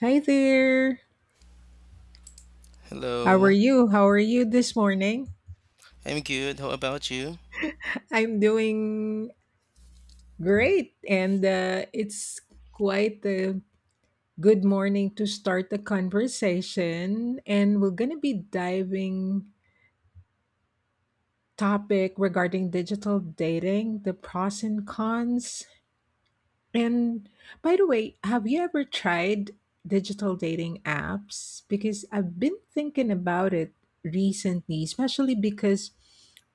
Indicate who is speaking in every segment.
Speaker 1: Hi there. How are
Speaker 2: Hello,
Speaker 1: you? How are you this morning?
Speaker 2: I'm good. How about you?
Speaker 1: I'm doing great, and it's quite a good morning to start the conversation. And we're going to be diving topic regarding digital dating, the pros and cons. And by the way, have you ever tried digital dating apps? Because I've been thinking about it recently, especially because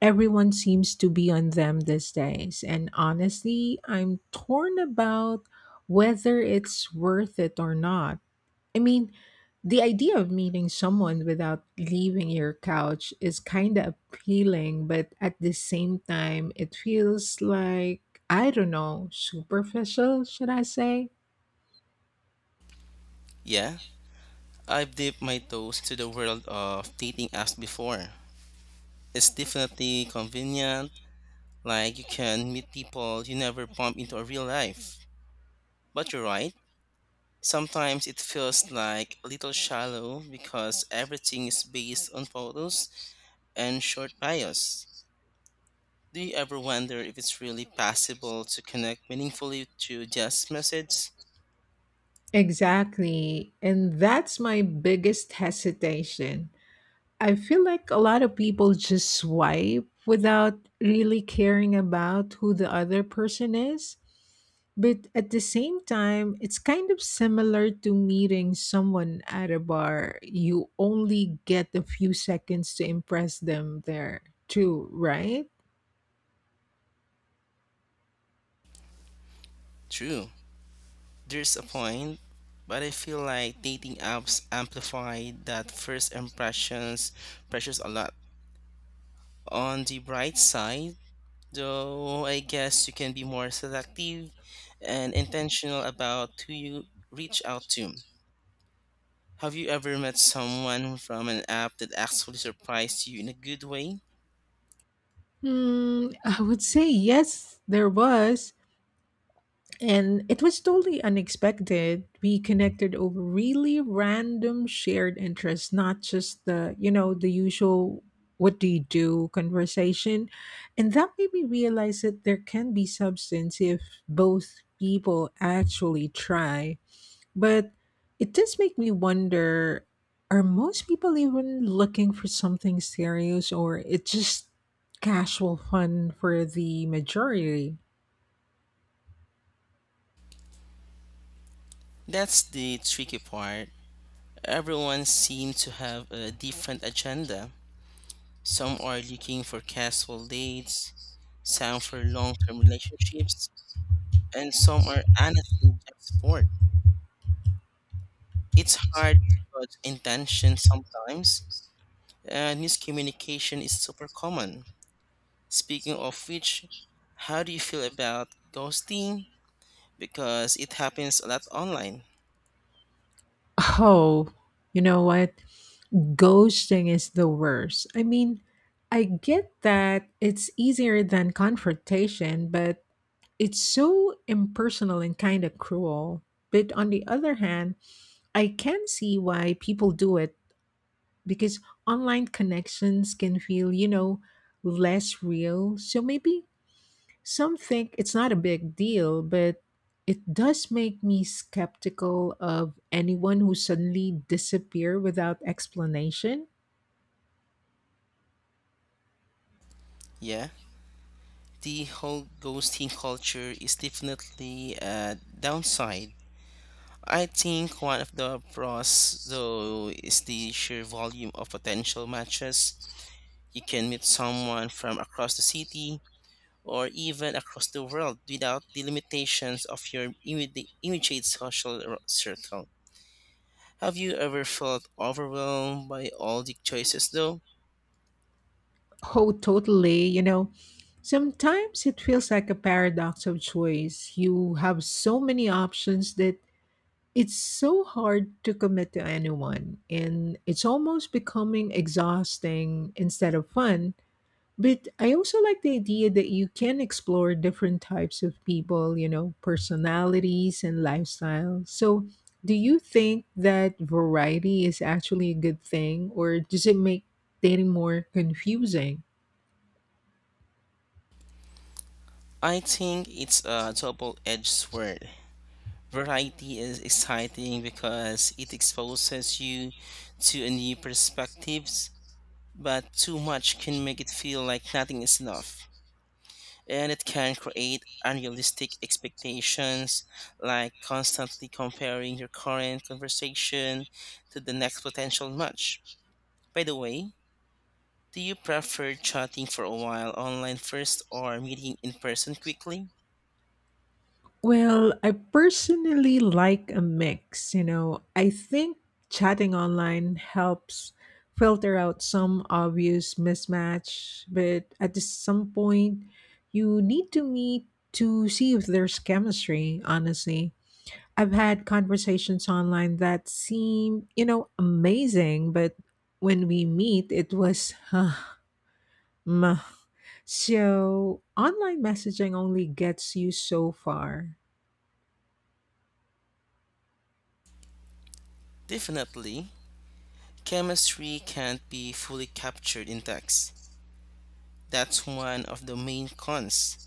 Speaker 1: everyone seems to be on them these days. And honestly, I'm torn about whether it's worth it or not. I mean, the idea of meeting someone without leaving your couch is kind of appealing, but at the same time, it feels like, I don't know, superficial, should I say?
Speaker 2: Yeah, I've dipped my toes into the world of dating apps before. It's definitely convenient, like you can meet people you never bump into in real life. But you're right, sometimes it feels like a little shallow because everything is based on photos and short bios. Do you ever wonder if it's really possible to connect meaningfully to just message?
Speaker 1: Exactly. And that's my biggest hesitation. I feel like a lot of people just swipe without really caring about who the other person is. But at the same time, it's kind of similar to meeting someone at a bar. You only get a few seconds to impress them there, too, right?
Speaker 2: True. There's a point, but I feel like dating apps amplify that first impressions pressures a lot. On the bright side, though, I guess you can be more selective and intentional about who you reach out to. Have you ever met someone from an app that actually surprised you in a good way?
Speaker 1: Hmm, I would say yes, there was. And it was totally unexpected. We connected over really random shared interests, not just the usual what do you do conversation. And that made me realize that there can be substance if both people actually try. But it does make me wonder are most people even looking for something serious or it's just casual fun for the majority?
Speaker 2: That's the tricky part. Everyone seems to have a different agenda. Some are looking for casual dates, some for long term relationships, and some are honestly just bored. It's hard to gauge intention sometimes, and miscommunication is super common. Speaking of which, how do you feel about ghosting? Because it happens a lot online.
Speaker 1: Oh, you know what? Ghosting is the worst. I mean, I get that it's easier than confrontation, but it's so impersonal and kind of cruel. But on the other hand, I can see why people do it because online connections can feel less real. So maybe some think it's not a big deal, but it does make me skeptical of anyone who suddenly disappear without explanation.
Speaker 2: Yeah, the whole ghosting culture is definitely a downside. I think one of the pros, though, is the sheer volume of potential matches. You can meet someone from across the city or even across the world without the limitations of your immediate social circle. Have you ever felt overwhelmed by all the choices, though?
Speaker 1: Oh, totally. Sometimes it feels like a paradox of choice. You have so many options that it's so hard to commit to anyone, and it's almost becoming exhausting instead of fun. But I also like the idea that you can explore different types of people, personalities and lifestyles. So, do you think that variety is actually a good thing, or does it make dating more confusing?
Speaker 2: I think it's a double edged sword. Variety is exciting because it exposes you to a new perspectives but too much can make it feel like nothing is enough. And it can create unrealistic expectations, like constantly comparing your current conversation to the next potential match. By the way, do you prefer chatting for a while online first or meeting in person quickly?
Speaker 1: Well, I personally like a mix. I think chatting online helps filter out some obvious mismatch, but at some point, you need to meet to see if there's chemistry, honestly. I've had conversations online that seem amazing, but when we meet, it was meh. So, online messaging only gets you so far.
Speaker 2: Definitely, chemistry can't be fully captured in text. That's one of the main cons.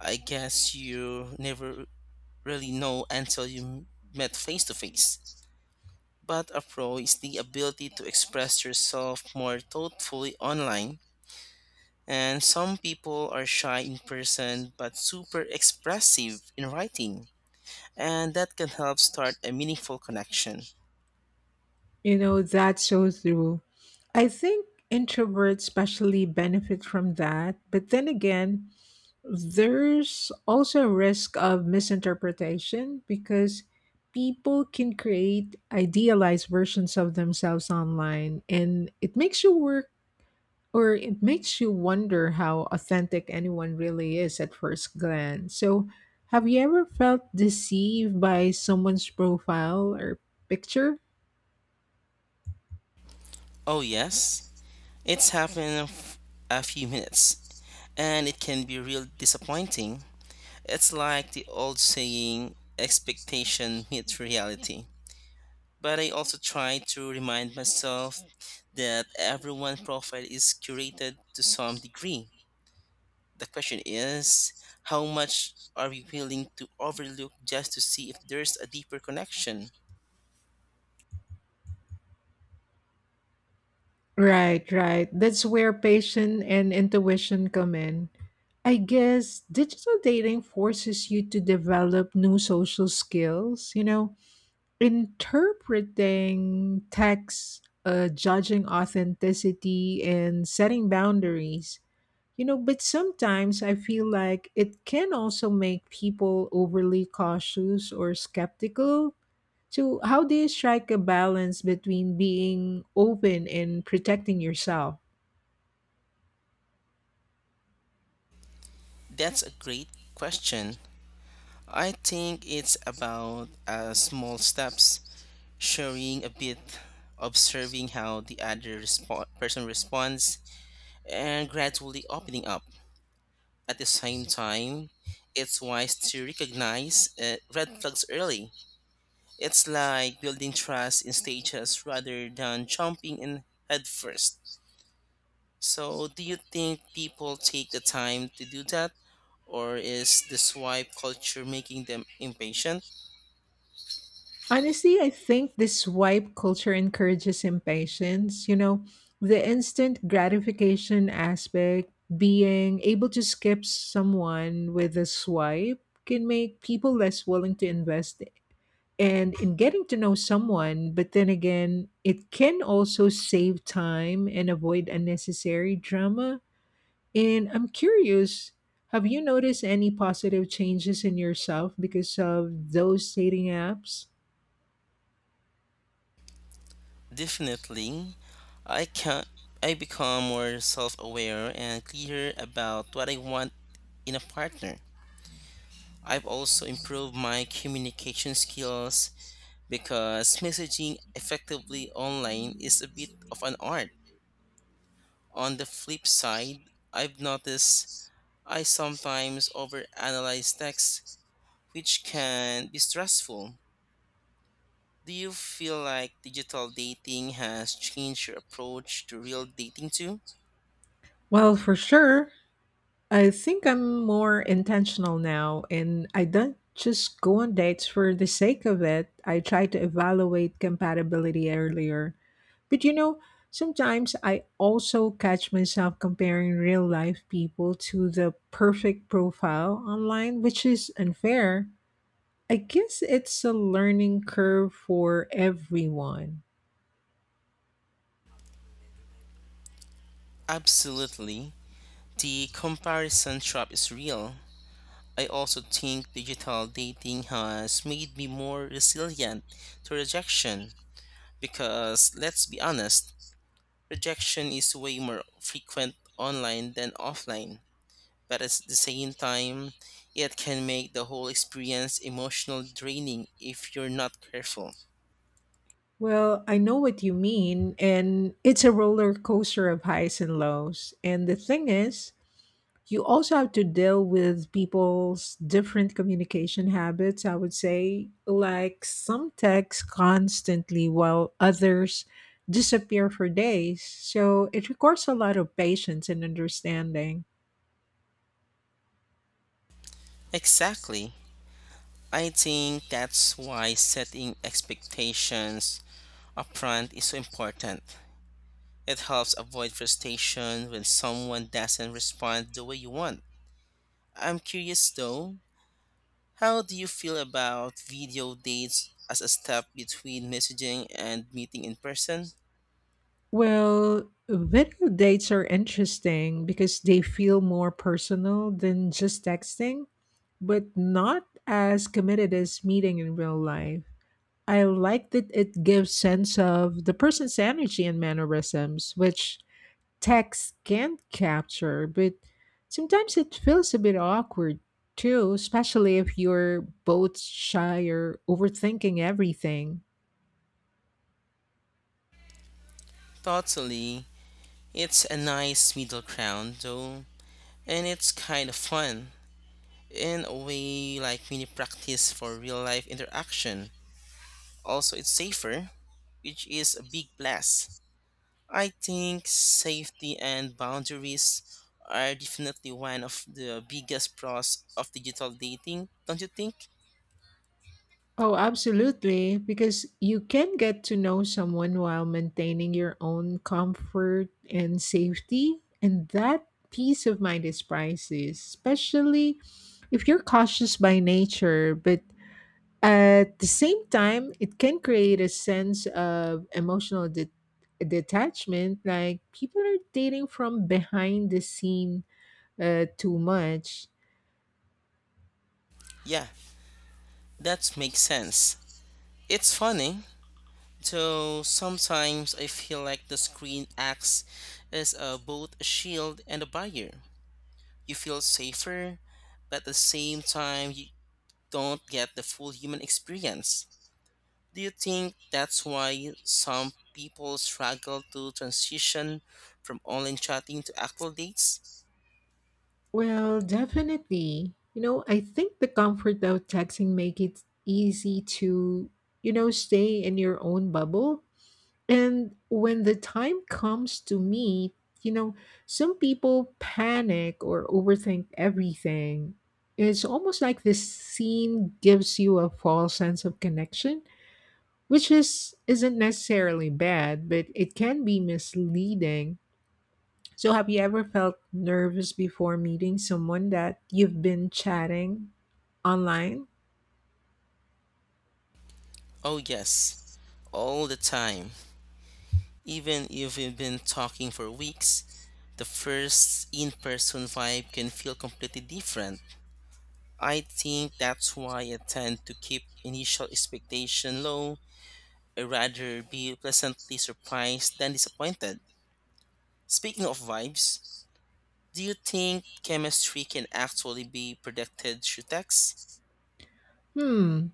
Speaker 2: I guess you never really know until you met face to face. But a pro is the ability to express yourself more thoughtfully online. And some people are shy in person but super expressive in writing. And that can help start a meaningful connection.
Speaker 1: That's so true. I think introverts especially benefit from that. But then again, there's also a risk of misinterpretation because people can create idealized versions of themselves online and it makes you wonder how authentic anyone really is at first glance. So, have you ever felt deceived by someone's profile or picture?
Speaker 2: Oh, yes, it's happened in a few minutes. And it can be real disappointing. It's like the old saying expectation meets reality. But I also try to remind myself that everyone's profile is curated to some degree. The question is how much are we willing to overlook just to see if there's a deeper connection?
Speaker 1: Right, right. That's where patience and intuition come in. I guess digital dating forces you to develop new social skills, interpreting texts, judging authenticity, and setting boundaries. But sometimes I feel like it can also make people overly cautious or skeptical. So, how do you strike a balance between being open and protecting yourself?
Speaker 2: That's a great question. I think it's about small steps, sharing a bit, observing how the other person responds, and gradually opening up. At the same time, it's wise to recognize red flags early. It's like building trust in stages rather than jumping in head first. So, do you think people take the time to do that? Or is the swipe culture making them impatient?
Speaker 1: Honestly, I think this swipe culture encourages impatience. The instant gratification aspect, being able to skip someone with a swipe, can make people less willing to invest and in getting to know someone. But then again, it can also save time and avoid unnecessary drama. And I'm curious. Have you noticed any positive changes in yourself because of those dating apps?
Speaker 2: Definitely. I can I become more self-aware and clear about what I want in a partner. I've also improved my communication skills because messaging effectively online is a bit of an art. On the flip side, I've noticed I sometimes overanalyze text, which can be stressful. Do you feel like digital dating has changed your approach to real dating too?
Speaker 1: Well, for sure. I think I'm more intentional now, and I don't just go on dates for the sake of it. I try to evaluate compatibility earlier. But sometimes I also catch myself comparing real life people to the perfect profile online, which is unfair. I guess it's a learning curve for everyone.
Speaker 2: Absolutely. The comparison trap is real. I also think digital dating has made me more resilient to rejection because let's be honest, rejection is way more frequent online than offline, but at the same time, it can make the whole experience emotional draining if you're not careful.
Speaker 1: Well, I know what you mean, and it's a roller coaster of highs and lows. And the thing is, you also have to deal with people's different communication habits, I would say. Like some text constantly while others disappear for days. So it requires a lot of patience and understanding.
Speaker 2: Exactly. I think that's why setting expectations upfront is so important. It helps avoid frustration when someone doesn't respond the way you want. I'm curious though, how do you feel about video dates as a step between messaging and meeting in person?
Speaker 1: Well, video dates are interesting because they feel more personal than just texting, but not as committed as meeting in real life. I like that it gives sense of the person's energy and mannerisms, which text can't capture, but sometimes it feels a bit awkward too, especially if you're both shy or overthinking everything.
Speaker 2: Totally. It's a nice middle ground though, and it's kind of fun in a way like mini practice for real life interaction. Also, it's safer, which is a big plus. I think safety and boundaries are definitely one of the biggest pros of digital dating, don't you think?
Speaker 1: Oh, absolutely. Because you can get to know someone while maintaining your own comfort and safety. And that peace of mind is priceless, especially if you're cautious by nature. But at the same time, it can create a sense of emotional detachment. Like people are dating from behind the scene too much.
Speaker 2: Yeah, that makes sense. It's funny. So sometimes I feel like the screen acts as a, both a shield and a barrier. You feel safer, but at the same time, you don't get the full human experience. Do you think that's why some people struggle to transition from online chatting to actual dates?
Speaker 1: Well, definitely. I think the comfort of texting make it easy to stay in your own bubble. And when the time comes to meet, you know, some people panic or overthink everything. It's almost like this scene gives you a false sense of connection, which is isn't necessarily bad, but it can be misleading. So, have you ever felt nervous before meeting someone that you've been chatting online?
Speaker 2: Oh, yes, all the time. Even if we've been talking for weeks, the first in person vibe can feel completely different. I think that's why I tend to keep initial expectation low, I rather be pleasantly surprised than disappointed. Speaking of vibes, do you think chemistry can actually be predicted through text?
Speaker 1: Hmm.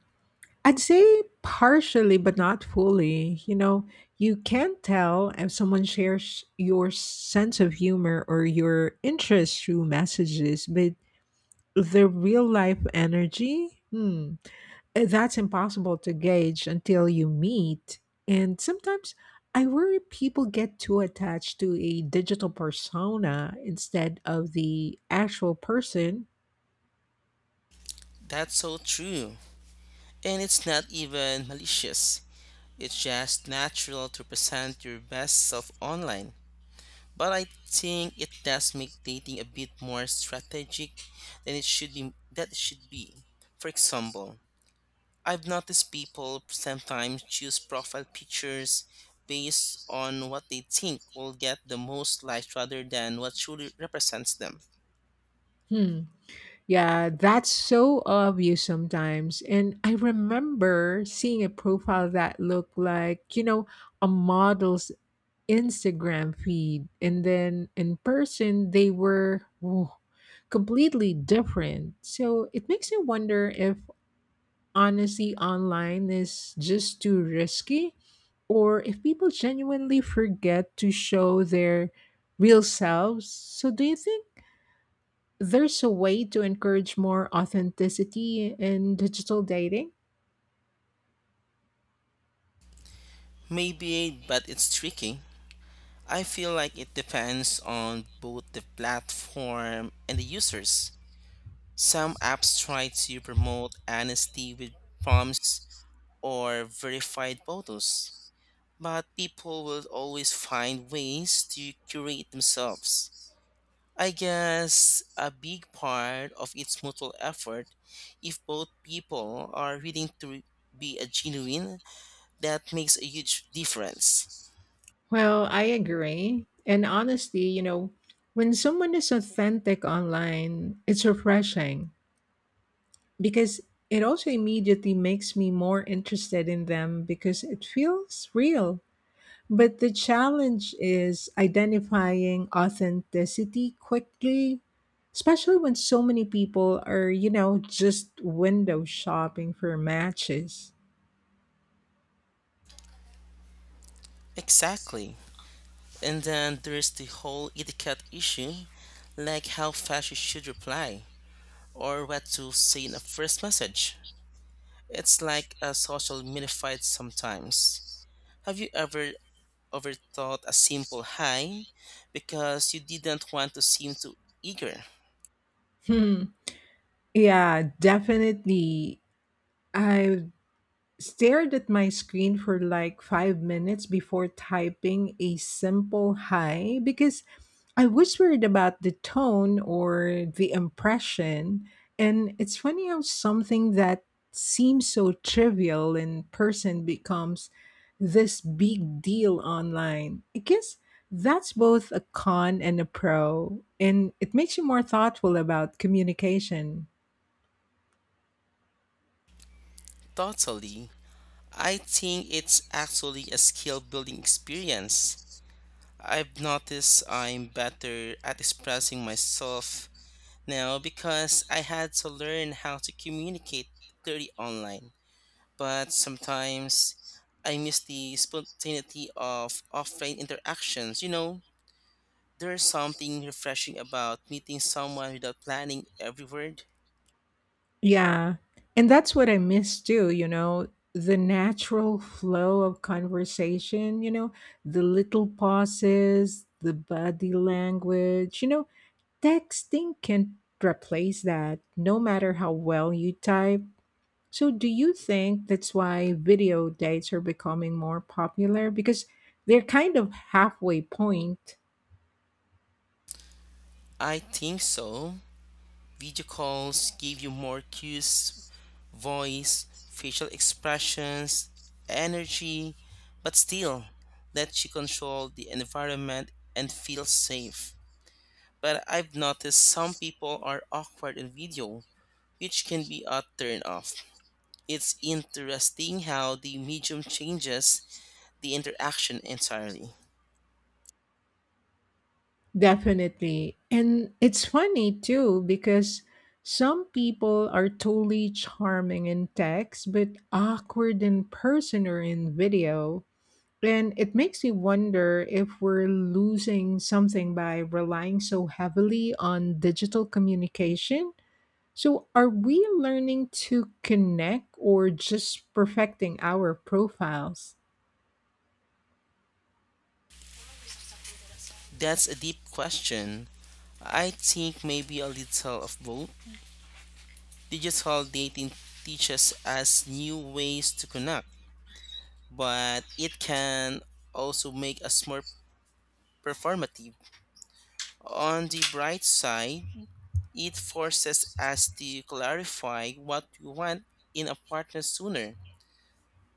Speaker 1: I'd say partially, but not fully. You can't tell if someone shares your sense of humor or your interest through messages, but the real life energy? Hmm. That's impossible to gauge until you meet. And sometimes I worry people get too attached to a digital persona instead of the actual person.
Speaker 2: That's so true. And it's not even malicious. It's just natural to present your best self online. But I think it does make dating a bit more strategic than it should be that it should be. For example, I've noticed people sometimes choose profile pictures based on what they think will get the most likes rather than what truly represents them.
Speaker 1: Hmm. Yeah, that's so obvious sometimes. And I remember seeing a profile that looked like a model's Instagram feed. And then in person, they were completely different. So it makes me wonder if honesty online is just too risky, or if people genuinely forget to show their real selves. So, do you think there's a way to encourage more authenticity in digital dating?
Speaker 2: Maybe, but it's tricky. I feel like it depends on both the platform and the users. Some apps try to promote honesty with prompts or verified photos, but people will always find ways to curate themselves. I guess a big part of its mutual effort, if both people are willing to be a genuine, that makes a huge difference.
Speaker 1: Well, I agree. And honestly, when someone is authentic online, it's refreshing because it also immediately makes me more interested in them because it feels real. But the challenge is identifying authenticity quickly, especially when so many people are, just window shopping for matches.
Speaker 2: Exactly. And then there's the whole etiquette issue, like how fast you should reply or what to say in a first message. It's like a social mini fight sometimes. Have you ever overthought a simple hi because you didn't want to seem too eager?
Speaker 1: Hmm. Yeah, definitely. I stared at my screen for like 5 minutes before typing a simple hi because I was worried about the tone or the impression. And it's funny how something that seems so trivial in person becomes this big deal online. I guess that's both a con and a pro, and it makes you more thoughtful about communication.
Speaker 2: Totally. I think it's actually a skill building experience. I've noticed I'm better at expressing myself now because I had to learn how to communicate clearly online. But sometimes I miss the spontaneity of offline interactions. You know, there's something refreshing about meeting someone without planning every word.
Speaker 1: Yeah. And that's what I miss too, the natural flow of conversation, the little pauses, the body language. Texting can replace that no matter how well you type. So, do you think that's why video dates are becoming more popular? Because they're kind of halfway point.
Speaker 2: I think so. Video calls give you more cues, voice, facial expressions, energy, but still let you control the environment and feel safe. But I've noticed some people are awkward in video, which can be a turn off. It's interesting how the medium changes the interaction entirely.
Speaker 1: Definitely. And it's funny too because some people are totally charming in text but awkward in person or in video. And it makes me wonder if we're losing something by relying so heavily on digital communication. So, are we learning to connect or just perfecting our profiles?
Speaker 2: That's a deep question. I think maybe a little of both. Digital dating teaches us new ways to connect, but it can also make us more performative. On the bright side, it forces us to clarify what we want in a partner sooner,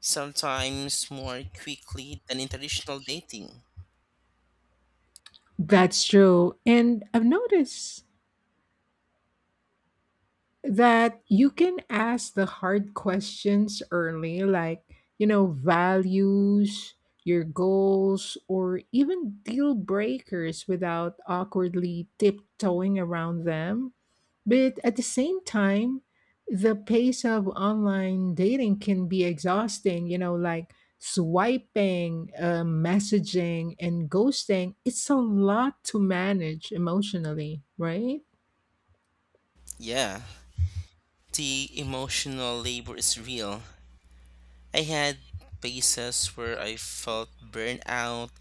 Speaker 2: sometimes more quickly than in traditional dating.
Speaker 1: That's true. And I've noticed that you can ask the hard questions early, like, values, your goals, or even deal breakers without awkwardly tiptoeing around them. But at the same time, the pace of online dating can be exhausting, like swiping, messaging, and ghosting. It's a lot to manage emotionally, right?
Speaker 2: Yeah, the emotional labor is real. I had phases where I felt burned out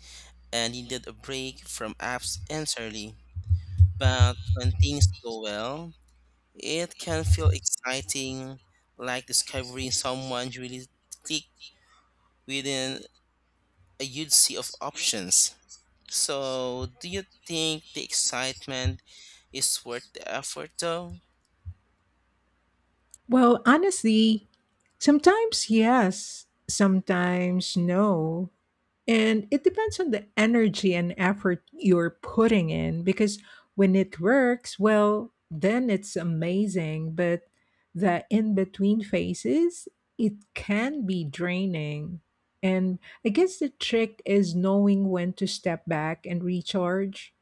Speaker 2: and needed a break from apps entirely. But when things go well, it can feel exciting, like discovering someone you really click within a huge sea of options. So, do you think the excitement is worth the effort though?
Speaker 1: Well, honestly, sometimes yes, sometimes no. And it depends on the energy and effort you're putting in because when it works, well, then it's amazing. But the in between phases, it can be draining. And I guess the trick is knowing when to step back and recharge.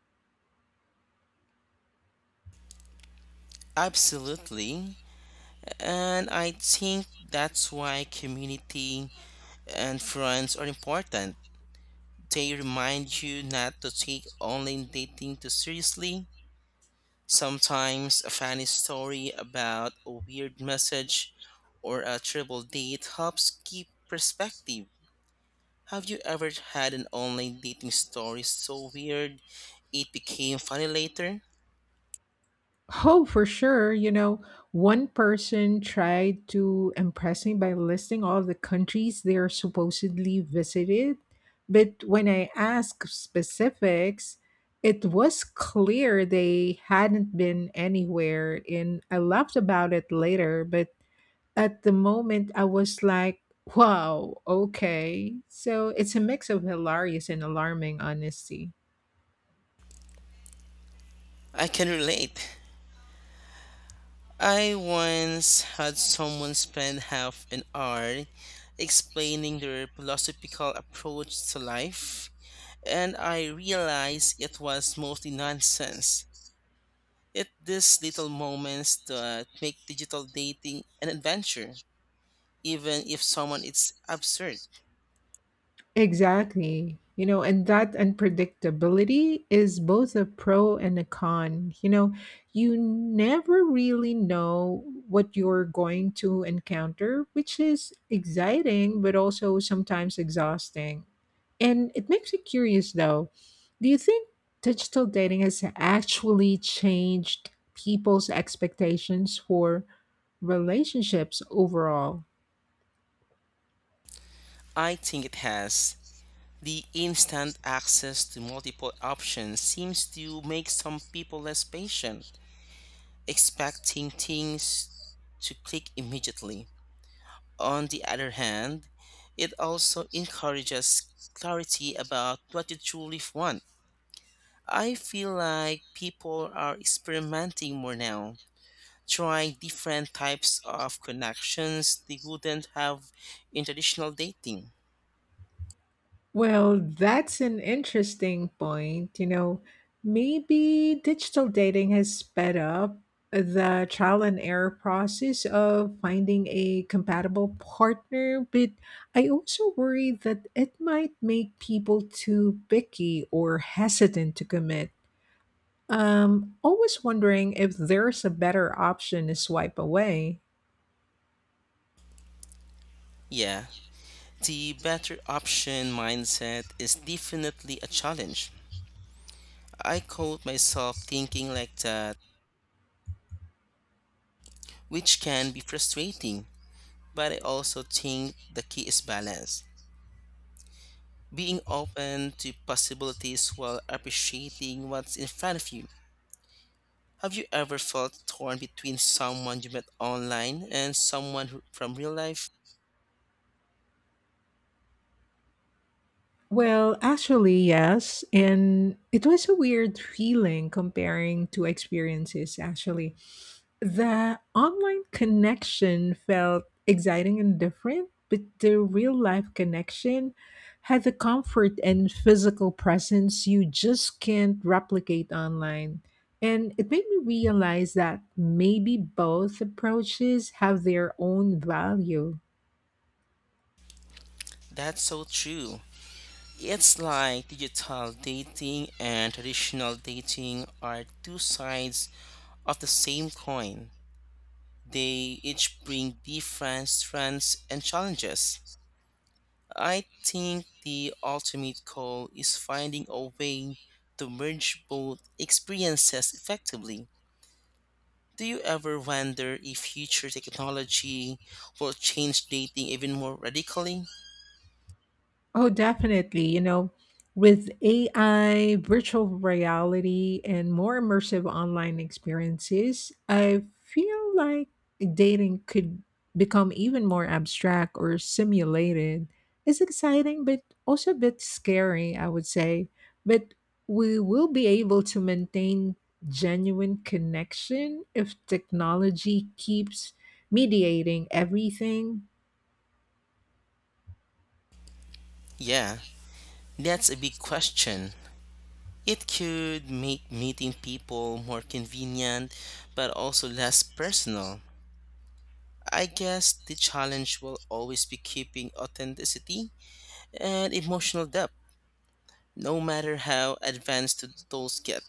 Speaker 2: Absolutely. And I think that's why community and friends are important. They remind you not to take online dating too seriously. Sometimes a funny story about a weird message or a triple date helps keep perspective. Have you ever had an online dating story so weird it became funny later?
Speaker 1: Oh, for sure. One person tried to impress me by listing all the countries they are supposedly visited. But when I asked specifics, it was clear they hadn't been anywhere. And I laughed about it later. But at the moment, I was like, wow, okay. So it's a mix of hilarious and alarming honesty.
Speaker 2: I can relate. I once had someone spend half an hour explaining their philosophical approach to life, and I realized it was mostly nonsense. It these little moments that make digital dating an adventure, even if someone is absurd.
Speaker 1: Exactly. And that unpredictability is both a pro and a con. You never really know what you're going to encounter, which is exciting, but also sometimes exhausting. And it makes me curious though. Do you think digital dating has actually changed people's expectations for relationships overall?
Speaker 2: I think it has. The instant access to multiple options seems to make some people less patient, expecting things to click immediately. On the other hand, it also encourages clarity about what you truly want. I feel like people are experimenting more now trying different types of connections they wouldn't have in traditional dating.
Speaker 1: Well, that's an interesting point. Maybe digital dating has sped up the trial and error process of finding a compatible partner, but I also worry that it might make people too picky or hesitant to commit. Always wondering if there's a better option to swipe away.
Speaker 2: Yeah, the better option mindset is definitely a challenge. I caught myself thinking like that, which can be frustrating, but I also think the key is balance. Being open to possibilities while appreciating what's in front of you. Have you ever felt torn between someone you met online and someone from real life?
Speaker 1: Well, actually, yes. And it was a weird feeling comparing two experiences, actually. The online connection felt exciting and different, but the real life connection had the comfort and physical presence you just can't replicate online. And it made me realize that maybe both approaches have their own value.
Speaker 2: That's so true. It's like digital dating and traditional dating are two sides of the same coin. They each bring different strengths and challenges. I think the ultimate goal is finding a way to merge both experiences effectively. Do you ever wonder if future technology will change dating even more radically?
Speaker 1: Oh, definitely. With AI, virtual reality, and more immersive online experiences, I feel like dating could become even more abstract or simulated. It's exciting, but also a bit scary, I would say. But we will be able to maintain genuine connection if technology keeps mediating everything.
Speaker 2: Yeah. That's a big question. It could make meeting people more convenient, but also less personal. I guess the challenge will always be keeping authenticity and emotional depth, no matter how advanced those get.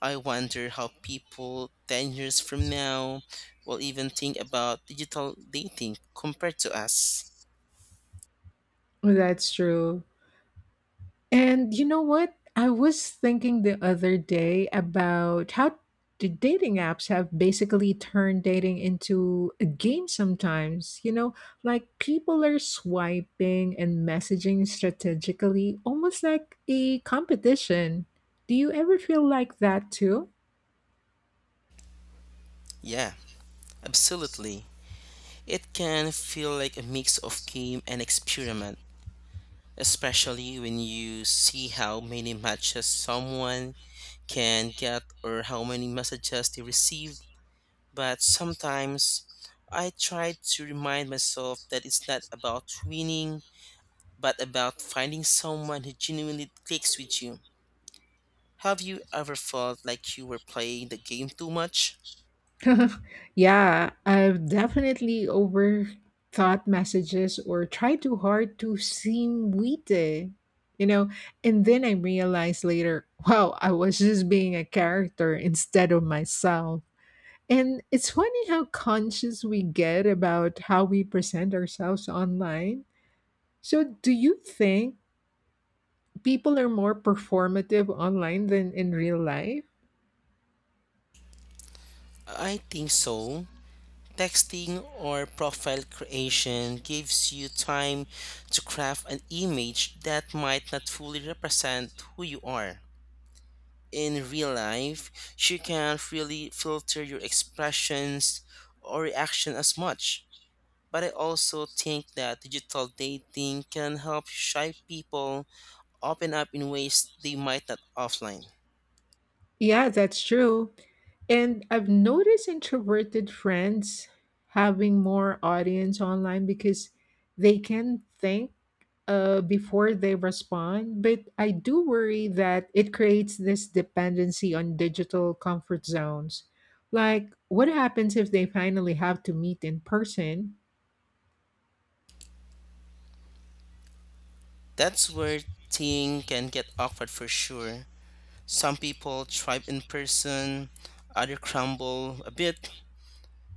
Speaker 2: I wonder how people 10 years from now will even think about digital dating compared to us.
Speaker 1: That's true. And you know what? I was thinking the other day about how the dating apps have basically turned dating into a game sometimes. Like people are swiping and messaging strategically, almost like a competition. Do you ever feel like that too?
Speaker 2: Yeah, absolutely. It can feel like a mix of game and experiment, especially when you see how many matches someone can get or how many messages they received. But sometimes I try to remind myself that it's not about winning, but about finding someone who genuinely clicks with you. Have you ever felt like you were playing the game too much?
Speaker 1: Yeah, I've definitely overthought messages or tried too hard to seem witty, you know, and then I realized later, wow, I was just being a character instead of myself. And it's funny how conscious we get about how we present ourselves online. So, do you think people are more performative online than in real life?
Speaker 2: I think so. Texting or profile creation gives you time to craft an image that might not fully represent who you are. In real life, you can't really filter your expressions or reaction as much. But I also think that digital dating can help shy people open up in ways they might not offline.
Speaker 1: Yeah, that's true. And I've noticed introverted friends having more audience online because they can think before they respond. But I do worry that it creates this dependency on digital comfort zones. Like, what happens if they finally have to meet in person?
Speaker 2: That's where thing can get awkward for sure. Some people thrive in person, others crumble a bit.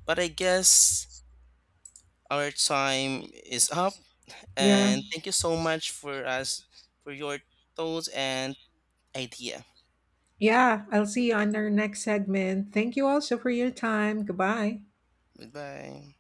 Speaker 2: But I guess our time is up.
Speaker 1: Yeah.
Speaker 2: And thank you so much for us for your thoughts and idea.
Speaker 1: Yeah. I'll see you on our next segment. Thank you also for your time. Goodbye.
Speaker 2: Goodbye.